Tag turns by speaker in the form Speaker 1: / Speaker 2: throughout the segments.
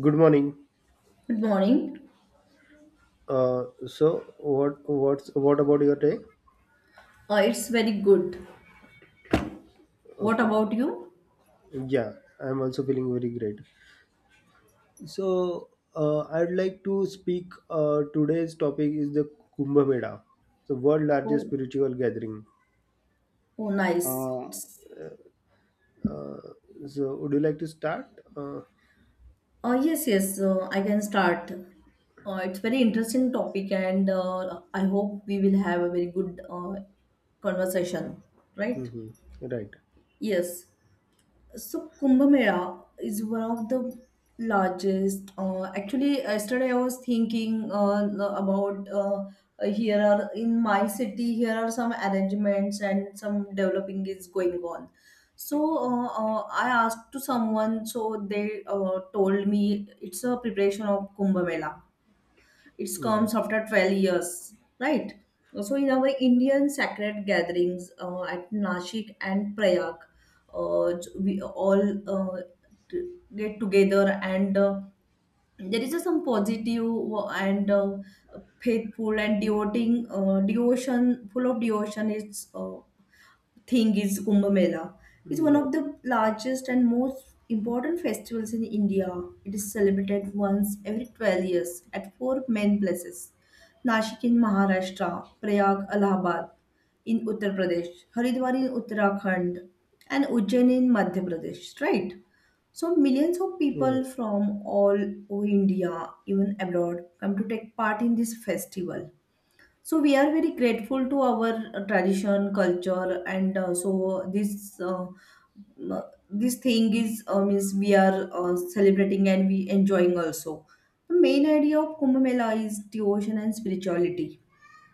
Speaker 1: Good morning.
Speaker 2: Good morning.
Speaker 1: So what about your day?
Speaker 2: It's very good. What
Speaker 1: Okay.
Speaker 2: about you?
Speaker 1: Yeah, I'm also feeling very great. So I'd like to speak. Today's topic is the Kumbh Mela, the world largest
Speaker 2: Oh,
Speaker 1: spiritual gathering.
Speaker 2: oh, nice.
Speaker 1: Uh,
Speaker 2: It's,
Speaker 1: uh, so would you like to start? Uh,
Speaker 2: yes, yes. I can start. It's very interesting topic, and I hope we will have a very good conversation. Right?
Speaker 1: mhm. Right.
Speaker 2: Yes. So Kumbh Mela is one of the largest. Actually, yesterday I was thinking about here are in my city here are some arrangements and some developing is going on. So I asked to someone, so they told me it's a preparation of Kumbh Mela it
Speaker 1: Right.
Speaker 2: comes after 12 years, right? So, in our Indian sacred gatherings at Nashik and Prayag, uh, we all uh, get together and there is a some positive and faithful and devoting devotion full of devotion is thing is Kumbh Mela. It's one
Speaker 1: Yeah.
Speaker 2: of the largest and most important festivals in India. It is celebrated once every 12 years at four main places Nashik in Maharashtra, Prayag, Allahabad in Uttar Pradesh, Haridwar in Uttarakhand, and Ujjain in Madhya Pradesh, right? So millions of
Speaker 1: Right.
Speaker 2: people from all over India, even abroad, come to take part in this festival so we are very grateful to our tradition culture and uh, this thing is means we are celebrating and we enjoying also. The main idea of Kumbh Mela is devotion and spirituality.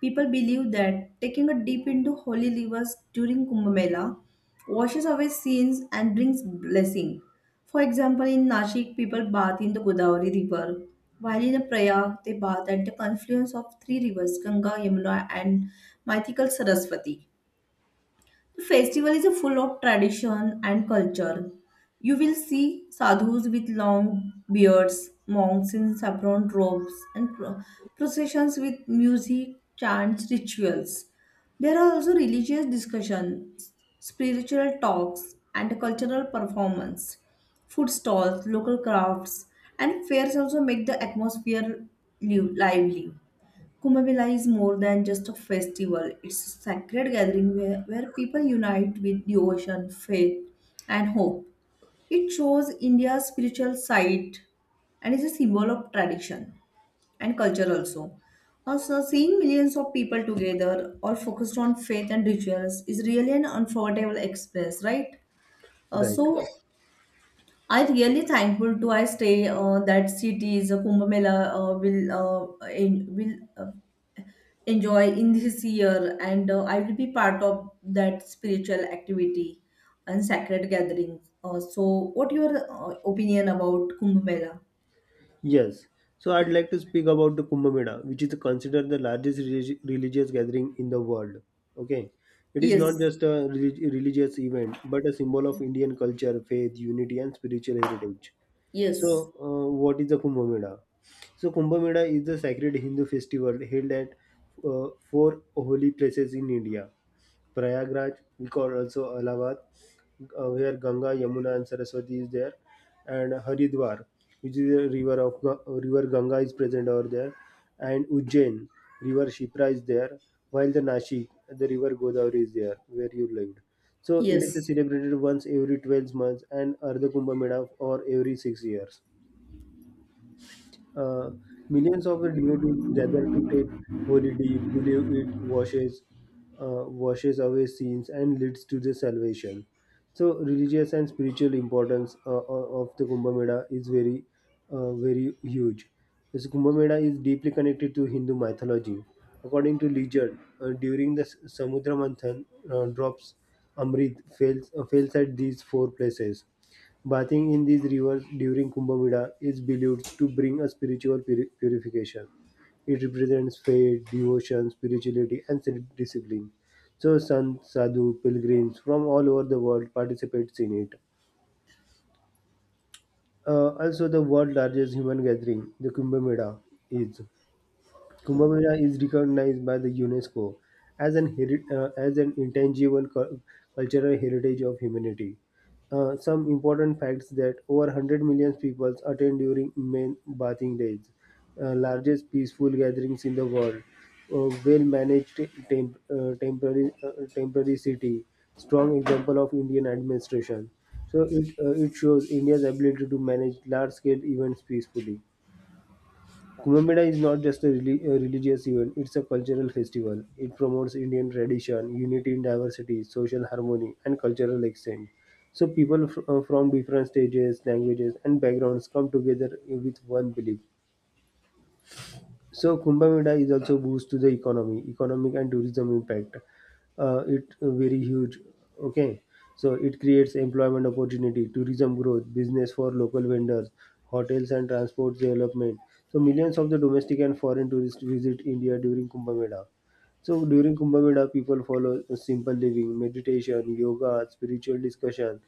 Speaker 2: People believe that taking a dip into holy rivers during Kumbh Mela washes away sins and brings blessing. For example, in Nashik, people bath in the Godavari River, while in Prayag, they bath at the confluence of three rivers Ganga, Yamuna, and mythical Saraswati. Festival is a full of tradition and culture. You will see sadhus with long beards, monks in saffron robes, and processions with music, chants, rituals. There are also religious discussions, spiritual talks, and cultural performance. Food stalls, local crafts, and fairs also make the atmosphere lively. Kumbh Mela is more than just a festival. It's a sacred gathering where people unite with devotion, faith, and hope. It shows India's spiritual side and is a symbol of tradition and culture also. Also, seeing millions of people together, all focused on faith and rituals, is really an unforgettable experience, right? Uh,
Speaker 1: Right.
Speaker 2: so, I really thankful to I stay that cities Kumbh Mela will enjoy in this year and I will be part of that spiritual activity and sacred gatherings, so what your opinion about Kumbh Mela?
Speaker 1: Yes. So I'd like to speak about the Kumbh Mela, which is considered the largest religious gathering in the world. Okay. It is not
Speaker 2: Yes,
Speaker 1: just a religious event, but a symbol of Indian culture, faith, unity, and spiritual heritage.
Speaker 2: yes,
Speaker 1: So, what is the Kumbh Mela? So, Kumbh Mela is the sacred Hindu festival held at four holy places in India. Prayagraj, we call also Allahabad, where Ganga, Yamuna, and Saraswati is there, and Haridwar, which is a river of river Ganga is present over there, and Ujjain, river Shipra is there, while the Nashik, the river Godavari is there, where you lived. So it is
Speaker 2: yes,
Speaker 1: celebrated once every 12 months and Ardha Kumbh Mela or every 6 years. Uh, millions of devotees gather to take holy deed, believe it washes washes away sins and leads to the salvation. So, religious and spiritual importance of the Kumbh Mela is very huge. This Kumbh Mela is deeply connected to Hindu mythology. According to legend, during the Samudra Manthan, drops Amrit fails, fails at these four places. Bathing in these rivers during Kumbh Mela is believed to bring a spiritual purification. It represents faith, devotion, spirituality, and self discipline. So, sons, sadhu, pilgrims from all over the world participate in it. Also, the world's largest human gathering, the Kumbh Mela, is. Kumbh Mela is recognized by the UNESCO as an as an intangible cultural heritage of humanity. Some important facts that over 100 million people attend during main bathing days, largest peaceful gatherings in the world, well managed temp- uh, temporary uh, temporary city, strong example of Indian administration. So it shows India's ability to manage large scale events peacefully. Kumbh Mela is not just a, a religious event, it's a cultural festival. It promotes Indian tradition, unity in diversity, social harmony, and cultural exchange. So, people from different stages, languages, and backgrounds come together with one belief. So Kumbh Mela is also boost to the economy, economic and tourism impact. It very huge. Okay, so it creates employment opportunity, tourism growth, business for local vendors, hotels and transport development. So millions of the domestic and foreign tourists visit India during Kumbh Mela. So during Kumbh Mela, people follow simple living, meditation, yoga, spiritual discussion.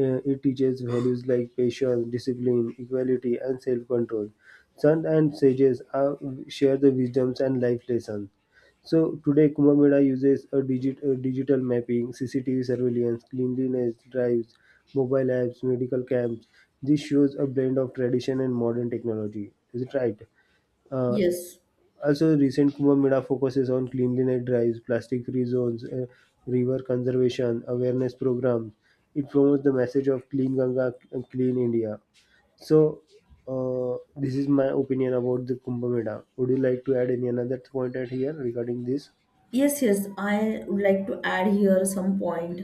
Speaker 1: It teaches values like patience, discipline, equality, and self-control. Sons and sages are, share the wisdoms and life lessons. So today, Kumbh Mela uses a, a digital mapping, CCTV surveillance, cleanliness drives, mobile apps, medical camps. This shows a blend of tradition and modern technology. Is it right? Uh,
Speaker 2: yes.
Speaker 1: also, recent Kumbh Mela focuses on cleanliness drives, plastic-free zones, river conservation awareness programs. It promotes the message of clean Ganga and clean India. So, this is my opinion about the Kumbh Mela. Would you like to add any another point at here regarding this?
Speaker 2: Yes, yes, I would like to add here some point.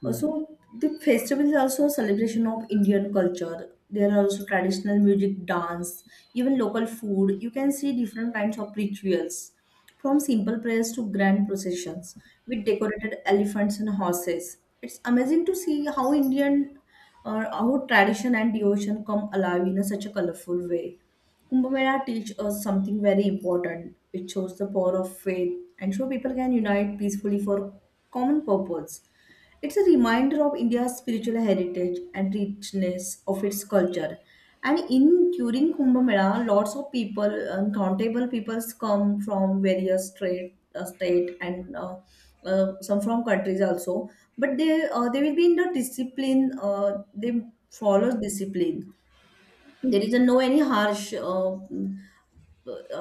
Speaker 1: Hmm.
Speaker 2: Also, the festival is also a celebration of Indian culture. There are also traditional music, dance, even local food. You can see different kinds of rituals, from simple prayers to grand processions with decorated elephants and horses. It's amazing to see how Indian or how tradition and devotion come alive in a such a colorful way. Kumbh Mela teaches us something very important. It shows the power of faith and so people can unite peacefully for common purpose. It's a reminder of India's spiritual heritage and richness of its culture. And in during Kumbh Mela, lots of people, uncountable peoples come from various state, state and some from countries also. But they will be in the discipline. They follow discipline. There is a no any harsh uh,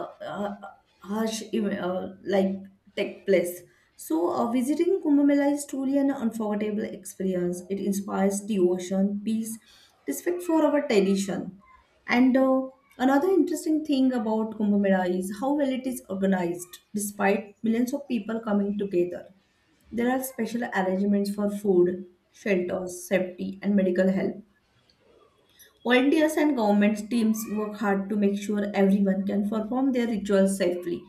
Speaker 2: uh, uh, harsh like take place. So, visiting Kumbh Mela is truly an unforgettable experience. It inspires devotion, peace, respect for our tradition. And another interesting thing about Kumbh Mela is how well it is organized, despite millions of people coming together. There are special arrangements for food, shelters, safety, and medical help. Volunteers and government teams work hard to make sure everyone can perform their rituals safely.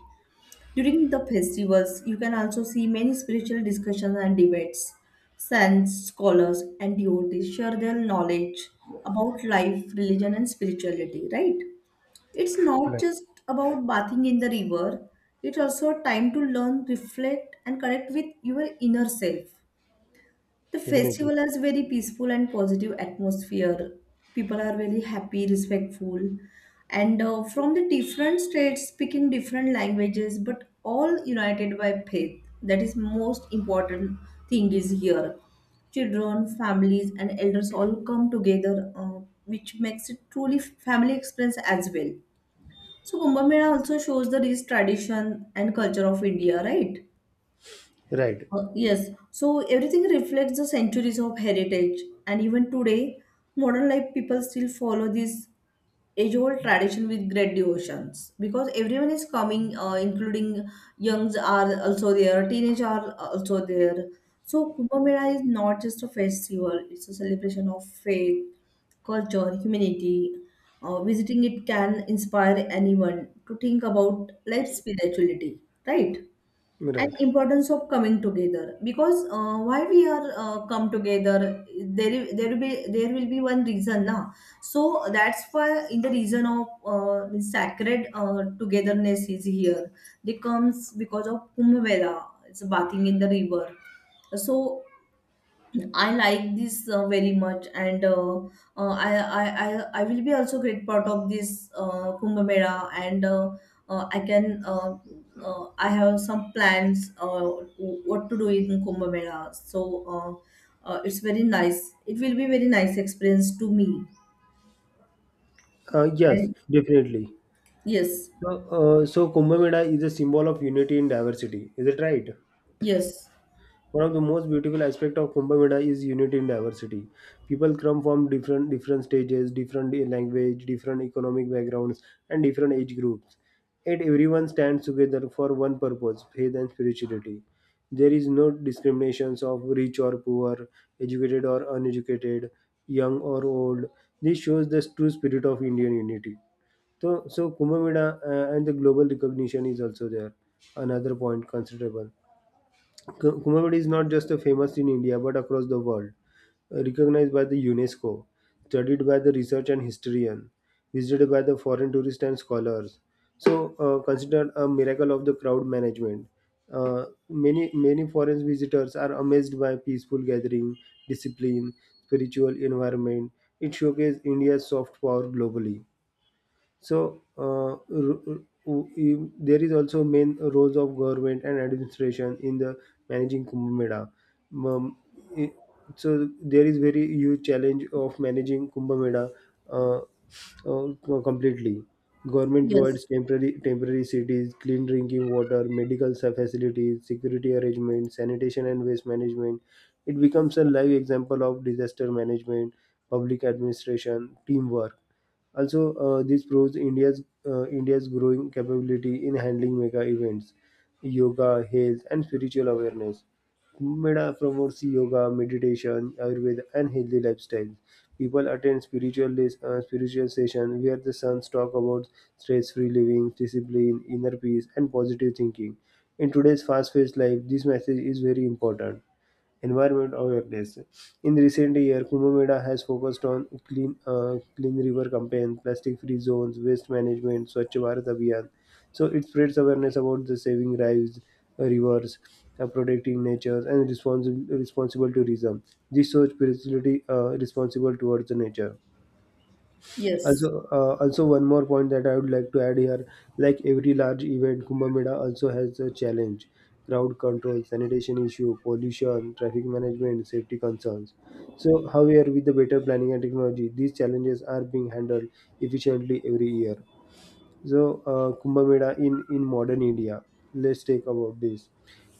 Speaker 2: During the festivals, you can also see many spiritual discussions and debates. Saints, scholars, and devotees share their knowledge about life, religion, and spirituality, right? It's not
Speaker 1: Right,
Speaker 2: just about bathing in the river, it's also a time to learn, reflect, and connect with your inner self. The
Speaker 1: definitely.
Speaker 2: festival has very peaceful and positive atmosphere. People are very happy, respectful, and from the different states, speaking different languages, but all united by faith. That is most important thing is here. Children, families, and elders all come together, which makes it truly family experience as well. So Kumbh Mela also shows the rich tradition and culture of India, right?
Speaker 1: Right,
Speaker 2: Yes, so everything reflects the centuries of heritage, and even today, modern life people still follow this age-old tradition with great devotions because everyone is coming, including youngs are also there, teenage are also there. So Kumbh Mela is not just a festival; it's a celebration of faith, culture, humanity. Visiting it can inspire anyone to think about life spirituality, right? And
Speaker 1: right.
Speaker 2: importance of coming together because why we are come together there will be one reason now so that's why in the reason of the sacred togetherness is here they comes because of Kumbh Mela it's bathing in the river so I like this very much, and I will be also great part of this Kumbh Mela, and I can I have some plans what to do in Kumbh Mela. So it's very nice. It will be very nice experience to me.
Speaker 1: Yes,
Speaker 2: And
Speaker 1: definitely.
Speaker 2: yes,
Speaker 1: So Kumbh Mela is a symbol of unity and diversity. Is it right?
Speaker 2: yes,
Speaker 1: One of the most beautiful aspects of Kumbh Mela is unity in diversity. People come from different stages, different language, different economic backgrounds, and different age groups. Yet everyone stands together for one purpose, faith and spirituality. There is no discriminations of rich or poor, educated or uneducated, young or old. This shows the true spirit of Indian unity. So Kumbh Mela and the global recognition is also there. Another point considerable. Kumbh is not just a famous in India but across the world. Recognized by the UNESCO, studied by the research and historian, visited by the foreign tourists and scholars. So considered a miracle of the crowd management. Uh, many many foreign visitors are amazed by peaceful gathering, discipline, spiritual environment. It showcases India's soft power globally. So there is also main roles of government and administration in the managing Kumbh Mela. Um, i- so there is very huge challenge of managing Kumbh Mela uh, uh, completely. Government
Speaker 2: yes,
Speaker 1: provides temporary cities, clean drinking water, medical facilities, security arrangements, sanitation and waste management. It becomes a live example of disaster management, public administration, teamwork also. Uh, this proves India's growing capability in handling mega events, yoga, health, and spiritual awareness. Kumbh Mela promotes yoga, meditation, Ayurveda, and healthy lifestyles. People attend spiritual sessions where the sons talk about stress-free living, discipline, inner peace, and positive thinking. In today's fast-paced life, this message is very important environment awareness. In recent years, Kumbh Mela has focused on clean river campaigns, plastic-free zones, waste management, Swachh Bharat Abhiyan. So it spreads awareness about the saving lives, rivers, protecting nature, and responsible tourism. This shows spirituality responsible towards the nature.
Speaker 2: yes,
Speaker 1: Also, one more point that I would like to add here, like every large event, Kumbh Mela also has a challenge: crowd control, sanitation issue, pollution, traffic management, safety concerns. So, however, with the better planning and technology, these challenges are being handled efficiently every year. So, Kumbh Mela in modern India. Let's take about this.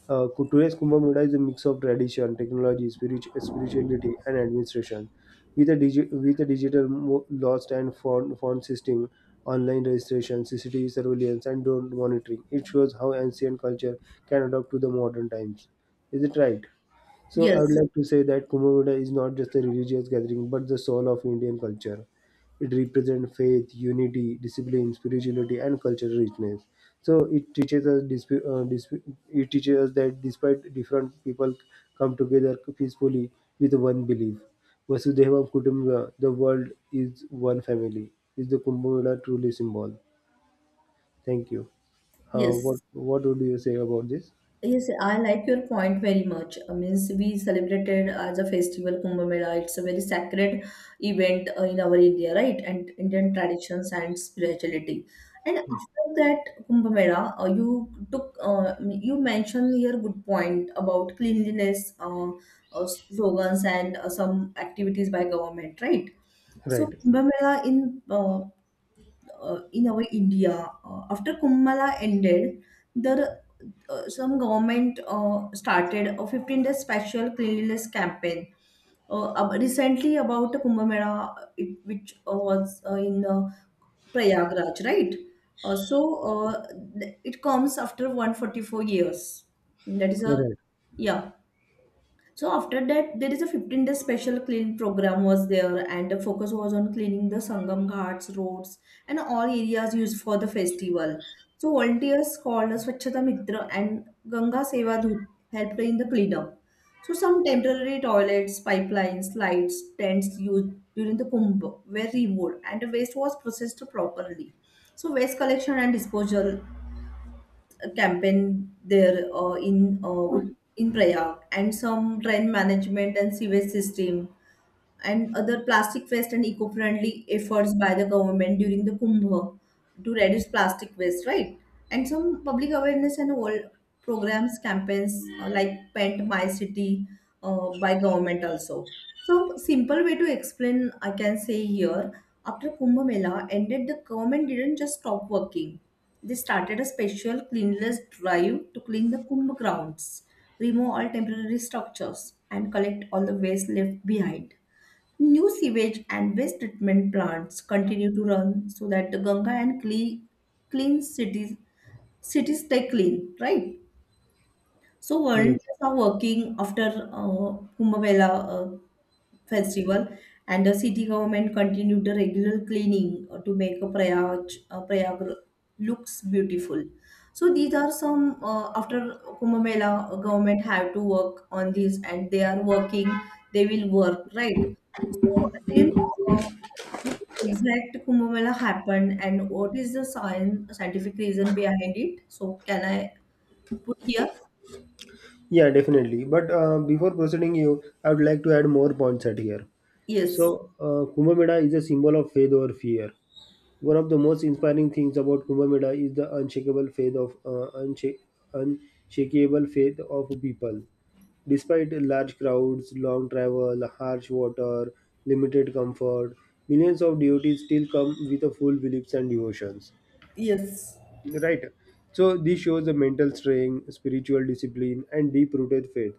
Speaker 1: Cu- today's Kumbh Mela is a mix of tradition, technology, spirituality, and administration. With a, with a digital lost and found system, online registration, CCTV surveillance, and drone monitoring, it shows how ancient culture can adapt to the modern times. Is it right? So I would
Speaker 2: yes,
Speaker 1: like to say that Kumbh Mela is not just a religious gathering, but the soul of Indian culture. It represents faith, unity, discipline, spirituality, and cultural richness. So it teaches us, it teaches us that despite different people come together peacefully with one belief, Vasudeva Kutumbam, the world is one family. Is the Kumbh Mela truly symbol? Thank you.
Speaker 2: yes.
Speaker 1: What would you say about this?
Speaker 2: Yes, I like your point very much. I means we celebrated as a festival Kumbh Mela. It's a very sacred event in our India, right? And Indian traditions and spirituality. And after that Kumbh Mela, you took you mentioned here good point about cleanliness slogans and some activities by government, right? So
Speaker 1: Right.
Speaker 2: Kumbh Mela in our India after Kumbh Mela ended. There some government started a 15-day special cleanliness campaign recently about the Kumbh Mela, which was in Prayagraj, right? Uh, so uh, it comes after 144 years. That is a
Speaker 1: Right.
Speaker 2: yeah. So after that, there is a 15-day special clean program was there, and the focus was on cleaning the Sangam Ghats, roads, and all areas used for the festival. So volunteers called us Swachhata Mitra and Ganga Seva Dut helped in the cleanup. So some temporary toilets, pipelines, lights, tents used during the Kumbh were removed, and the waste was processed properly. So waste collection and disposal a campaign there in Prayag, and some drain management and sewage system, and other plastic waste and eco-friendly efforts by the government during the Kumbh to reduce plastic waste, right? And some public awareness and all programs, campaigns like Paint My City by government also. So, simple way to explain, I can say here, after Kumbh Mela ended, the government didn't just stop working. They started a special cleanliness drive to clean the Kumbh grounds, remove all temporary structures, and collect all the waste left behind. New sewage and waste treatment plants continue to run so that the Ganga and clean cities stay clean, right? So
Speaker 1: Yes.
Speaker 2: volunteers are working after Kumbh Mela festival, and the city government continued the regular cleaning to make a Prayag looks beautiful. So these are some after Kumbh Mela, government have to work on this, and they are working. They will work right. So you know. What is the exact Kumbh Mela happened, and what is the science scientific reason behind it? So can I put here?
Speaker 1: Yeah, definitely. But before proceeding, you, I would like to add more points at here.
Speaker 2: Yes.
Speaker 1: So, Kumbh Mela is a symbol of faith over fear. One of the most inspiring things about Kumbh Mela is the unshakable faith of unshakable faith of people. Despite large crowds, long travel, harsh water, limited comfort, millions of devotees still come with a full beliefs and devotions.
Speaker 2: Yes.
Speaker 1: Right. So this shows the mental strength, spiritual discipline, and deep-rooted faith.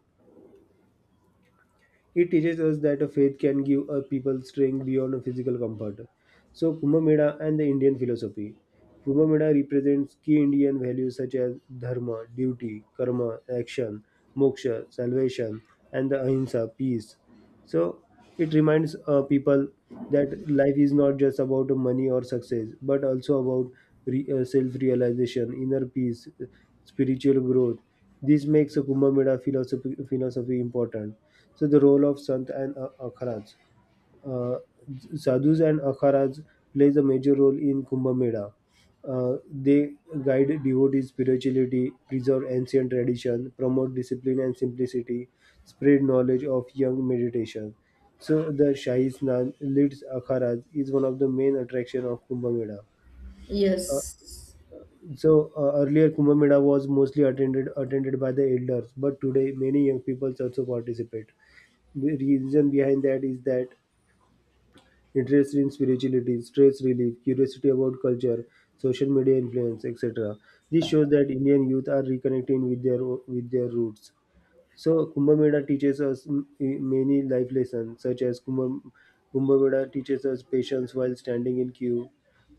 Speaker 1: It teaches us that a faith can give a people strength beyond a physical comfort. So Kumbh Mela and the Indian philosophy. Kumbh Mela represents key Indian values such as dharma, duty, karma, action, moksha, salvation, and the ahimsa, peace. So it reminds people that life is not just about money or success, but also about self-realization, inner peace, spiritual growth. This makes a philosophy important. So the role of Sant and Akharaj. Uh, sadhus and akharas plays a major role in Kumbh Mela. They guide devotees spirituality, preserve ancient tradition, promote discipline and simplicity, spread knowledge of young meditation. So the Shahi Snan leads akharas is one of the main attraction of Kumbh Mela.
Speaker 2: Yes,
Speaker 1: So earlier Kumbh Mela was mostly attended by the elders, but today many young people also participate. The reason behind that is that Interest in spirituality, stress relief, curiosity about culture, social media influence, etc. This shows that Indian youth are reconnecting with their with their roots. So Kumbh Mela teaches us many life lessons, such as Kumbh Mela teaches us patience while standing in queue,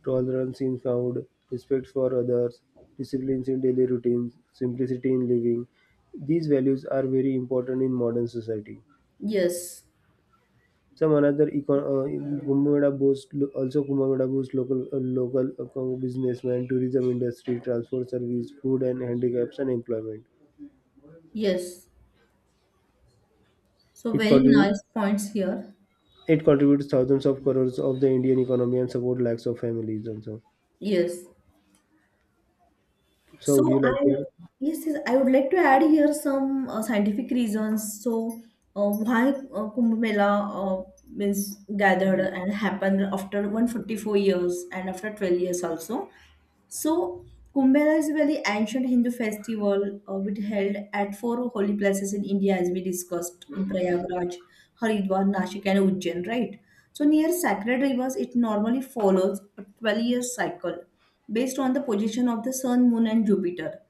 Speaker 1: tolerance in food, respect for others, disciplines in daily routines, simplicity in living. These values are very important in modern society.
Speaker 2: yes,
Speaker 1: Some another Kumbh boasts also Kumbh boost local businessmen, tourism industry, transport service, food and handicaps and employment.
Speaker 2: yes. So
Speaker 1: It
Speaker 2: very
Speaker 1: contributes
Speaker 2: nice points here.
Speaker 1: it contributes thousands of crores of the Indian economy and support lakhs of families also.
Speaker 2: Yes.
Speaker 1: So would you
Speaker 2: So I
Speaker 1: like to add?
Speaker 2: yes, I would like to add here some scientific reasons. So why Kumbh Mela means gathered and happened after 144 years and after 12 years also. So, Kumbh is a very ancient Hindu festival which held at four holy places in India, as we discussed in Prayagraj, Haridwar, Nashik, and Ujjain, right? So, near sacred rivers, it normally follows a 12-year cycle based on the position of the sun, moon, and Jupiter.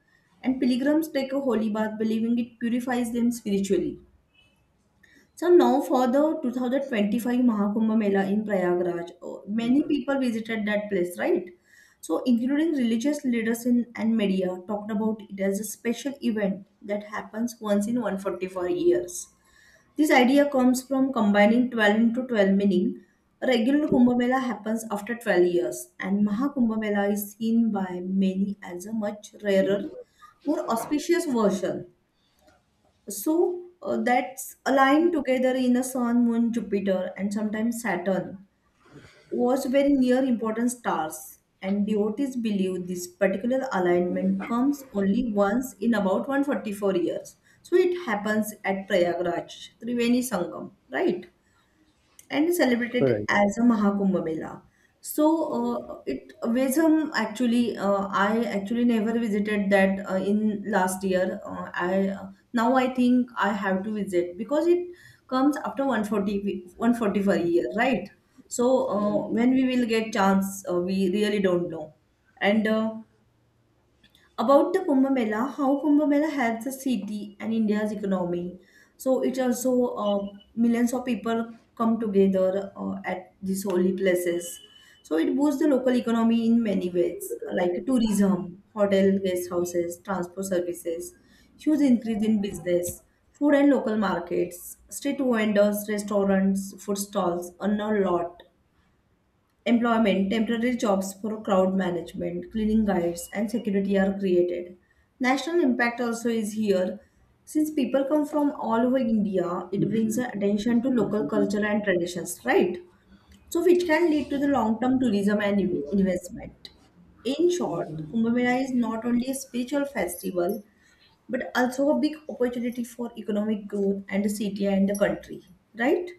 Speaker 2: And pilgrims take a holy bath, believing it purifies them spiritually. So now for the 2025 Mahakumbh Mela in Prayagraj, oh, many people visited that place, right? So including religious leaders in, and media talked about it as a special event that happens once in 144 years. This idea comes from combining 12 into 12 meaning. A regular Kumbh Mela happens after 12 years and Mahakumbh Mela is seen by many as a much rarer, more auspicious version so that's aligned together in a Sun, Moon, Jupiter, and sometimes Saturn was very near important stars. And devotees believe this particular alignment comes only once in about 144 years. So it happens at Prayagraj, Triveni Sangam, right? And is
Speaker 1: All
Speaker 2: celebrated
Speaker 1: right.
Speaker 2: as a Mahakumbh Mela. So it Vezham actually I actually never visited that in last year. I Now I think I have to visit because it comes after 140 140 per year, right? So when we will get chance, we really don't know. And About the Kumbh Mela, how Kumbh Mela helps the city and India's economy. So it also millions of people come together at these holy places. So it boosts the local economy in many ways, like tourism, hotel, guest houses, transport services, huge increase in business, food and local markets, street vendors, restaurants, food stalls, and a lot employment, temporary jobs for crowd management, cleaning guides, and security are created. National impact also is here. Since people come from all over India, it brings the attention to local culture and traditions, right? So, which can lead to the long term tourism and investment. In short, Kumbh Mela is not only a spiritual festival but also a big opportunity for economic growth and the city and the country, right?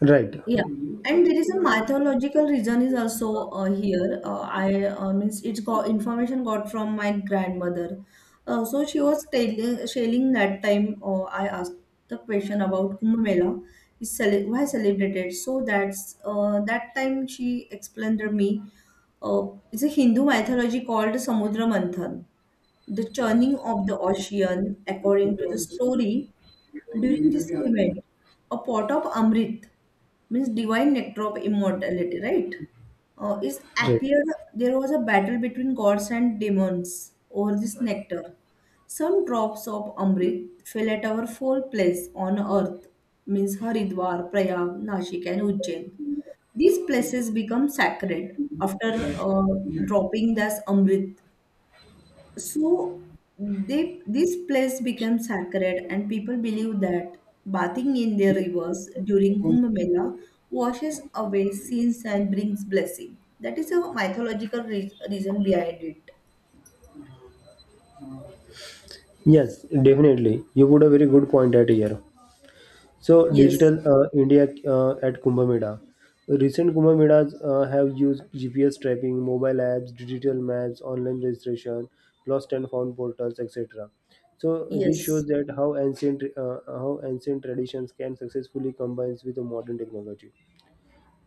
Speaker 1: Right.
Speaker 2: Yeah, and there is a mythological reason is also here. I Means it's got information got from my grandmother. So she was telling sharing that time. I asked the question about Kumbh Mela is cele why celebrated. So that time she explained to me. Uh, it's a Hindu mythology called Samudra Manthan, the churning of the ocean. According to the story, during this event, a pot of Amrit, means divine nectar of immortality, right? Is
Speaker 1: Right.
Speaker 2: appeared, there was a battle between gods and demons over this nectar. Some drops of Amrit fell at our four places on earth, means Haridwar, Prayag, Nashik, and Ujjain. These places become sacred after dropping this Amrit, so they, this place becomes sacred, and people believe that bathing in their rivers during Kumbh Mela washes away sins and brings blessing. That is a mythological reason behind it.
Speaker 1: Yes, definitely. You put a very good point at here. So,
Speaker 2: Yes,
Speaker 1: Digital India at Kumbh Mela. Recent Kumbh Melas have used GPS tracking, mobile apps, digital maps, online registration, lost and found portals, etc. So, this shows
Speaker 2: yes,
Speaker 1: that how ancient traditions can successfully combine with the modern technology.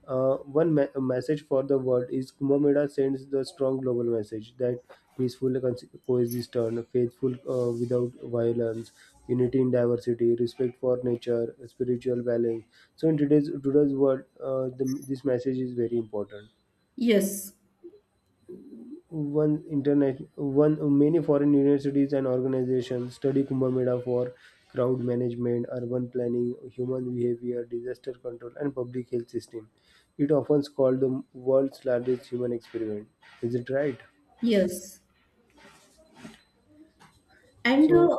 Speaker 1: Message for the world is Kumbh Mela sends the strong global message that peaceful coexistence, faithful without violence, unity in diversity, respect for nature, spiritual balance. So in today's world, this message is very important.
Speaker 2: yes,
Speaker 1: One internet, one many foreign universities and organizations study Kumbh Mela for crowd management, urban planning, human behavior, disaster control, and public health system. It often called the world's largest human experiment. Is it right?
Speaker 2: yes. And
Speaker 1: So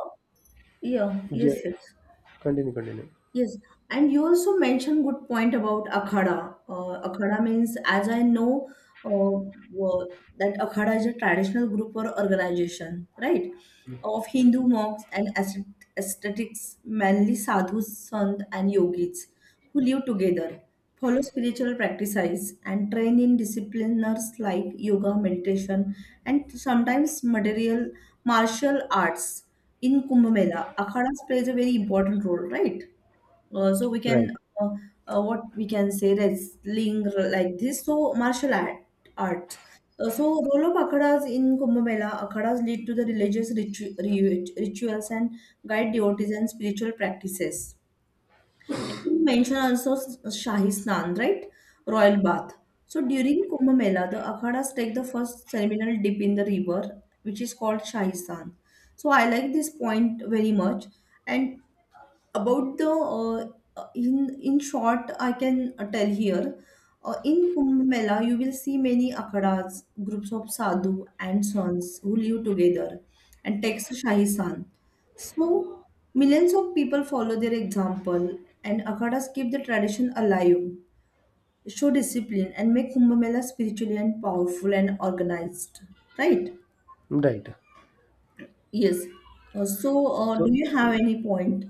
Speaker 2: yeah,
Speaker 1: yeah,
Speaker 2: yes, yes.
Speaker 1: continue, continue.
Speaker 2: Yes, and you also mentioned good point about akhada. Akhada means, as I know, uh, uh, that akhada is a traditional group or organization, right, of Hindu monks and ascetics, mainly sadhus, sant, and yogis, who live together, follow spiritual practices, and train in disciplines like yoga, meditation, and sometimes material martial arts. In Kumbh Mela, akhadas plays a very important role, right? So we
Speaker 1: Right,
Speaker 2: can uh, what we can say that's link like this. So martial art art. So role of akhadas in Kumbh Mela, akhadas lead to the religious rituals and guide devotees and spiritual practices. You mentioned also Shahi Snan, right? Royal bath. So during Kumbh Mela, the akhadas take the first ceremonial dip in the river, which is called Shahi Snan. So I like this point very much. And about the in short I can tell here in kumbh mela you will see many akhadas groups of sadhu and sons who live together and takes a shahi san so millions of people follow their example and akhadas keep the tradition alive show discipline and make kumbh mela spiritually and powerful and organized, right?
Speaker 1: right.
Speaker 2: Yes. Do
Speaker 1: So
Speaker 2: you have any point?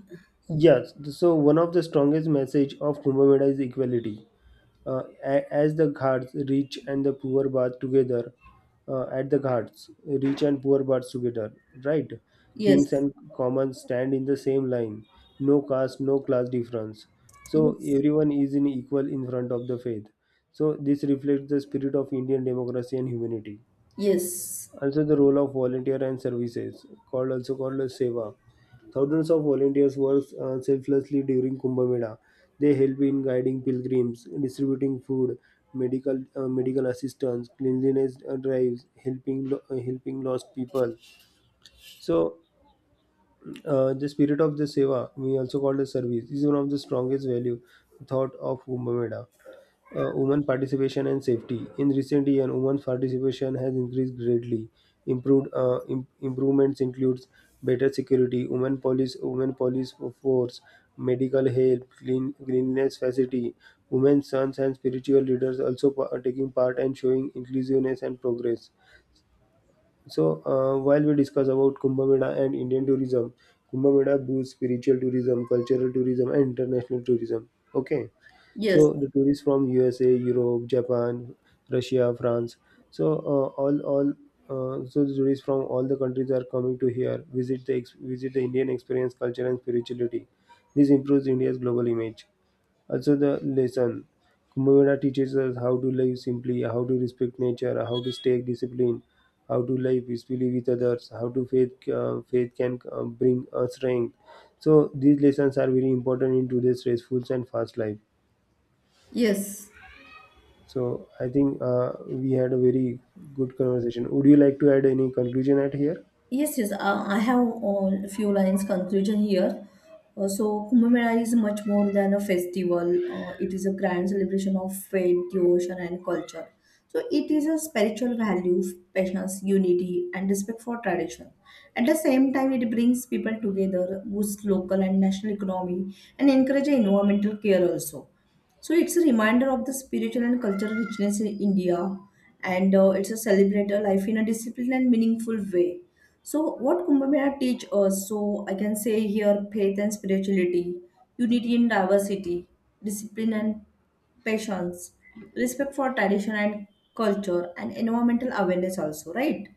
Speaker 1: yes, so one of the strongest message of Kumbh Mela is equality. As the Ghats, rich and the poor bath together, at the Ghats, rich and poor bath together, right? Kings
Speaker 2: Yes,
Speaker 1: and commons stand in the same line, no caste, no class difference. So
Speaker 2: yes,
Speaker 1: everyone is in equal in front of the faith. So this reflects the spirit of Indian democracy and humanity.
Speaker 2: yes.
Speaker 1: Also, the role of volunteer and services, called also called as seva. Thousands of volunteers work selflessly during Kumbh Mela. They help in guiding pilgrims, distributing food, medical assistance, cleanliness drives, helping helping lost people. So, the spirit of the seva, we also call the service, is one of the strongest value thought of Kumbh Mela women participation and safety. In recent years, women's participation has increased greatly. Improved improvements includes better security, women police force, medical help, cleanliness facility. Women, sons, and spiritual leaders also are taking part and showing inclusiveness and progress. So, while we discuss about Kumbh Mela and Indian tourism, Kumbh Mela boosts spiritual tourism, cultural tourism, and international tourism. Okay.
Speaker 2: Yes,
Speaker 1: So the tourists from USA, Europe, Japan, Russia, France. So all so the tourists from all the countries are coming to here visit the visit the Indian experience, culture, and spirituality. This improves India's global image. Also, the lesson Kumbh Mela teaches us how to live simply, how to respect nature, how to stay disciplined, how to live peacefully with others, how to faith can bring us strength. So these lessons are very important in today's stressful and fast life.
Speaker 2: yes.
Speaker 1: So I think we had a very good conversation. Would you like to add any conclusion at here?
Speaker 2: Yes, yes, I have a few lines conclusion here. So Kumbh Mela is much more than a festival. It is a grand celebration of faith, devotion, and culture. So it is a spiritual value, patience, unity, and respect for tradition. At the same time, it brings people together, boosts local and national economy, and encourages environmental care also. So it's a reminder of the spiritual and cultural richness in India, and it's a celebrate a life in a disciplined and meaningful way. So, what Kumbh Mela teach us? So, I can say here faith and spirituality, unity in diversity, discipline and patience, respect for tradition and culture, and environmental awareness also, right?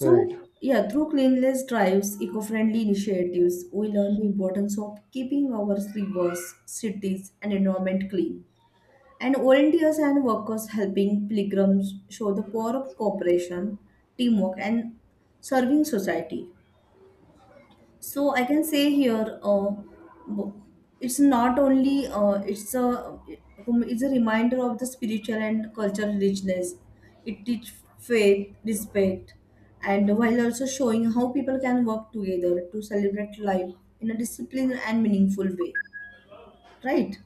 Speaker 1: Right.
Speaker 2: yeah, through cleanliness drives, eco-friendly initiatives, we learn the importance of keeping our rivers, cities, and environment clean. And volunteers and workers helping pilgrims show the power of cooperation, teamwork, and serving society. So I can say here, bo- it's not only it's a reminder of the spiritual and cultural richness. It teach faith, respect, and while also showing how people can work together to celebrate life in a disciplined and meaningful way. Right?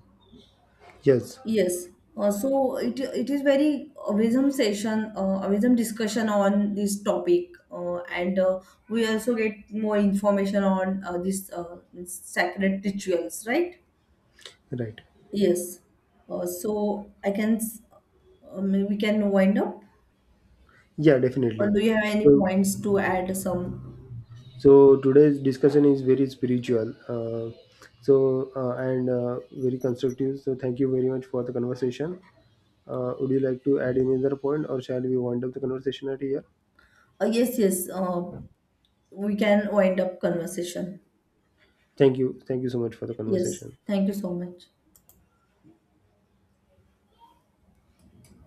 Speaker 1: Yes.
Speaker 2: Yes. So it is very wisdom session, wisdom discussion on this topic, and we also get more information on this sacred rituals, right?
Speaker 1: Right.
Speaker 2: Yes. Uh, so I can, s- Maybe we can wind up,
Speaker 1: Yeah,
Speaker 2: or
Speaker 1: definitely.
Speaker 2: do you have any
Speaker 1: So,
Speaker 2: points to add? Some.
Speaker 1: so, today's discussion is very spiritual. And very constructive. So thank you very much for the conversation. Would you like to add any other point, or shall we wind up the conversation at here?
Speaker 2: Yes, yes. We can wind up conversation.
Speaker 1: Thank you. Thank you so much for the
Speaker 2: Yes.
Speaker 1: conversation.
Speaker 2: Thank you so much.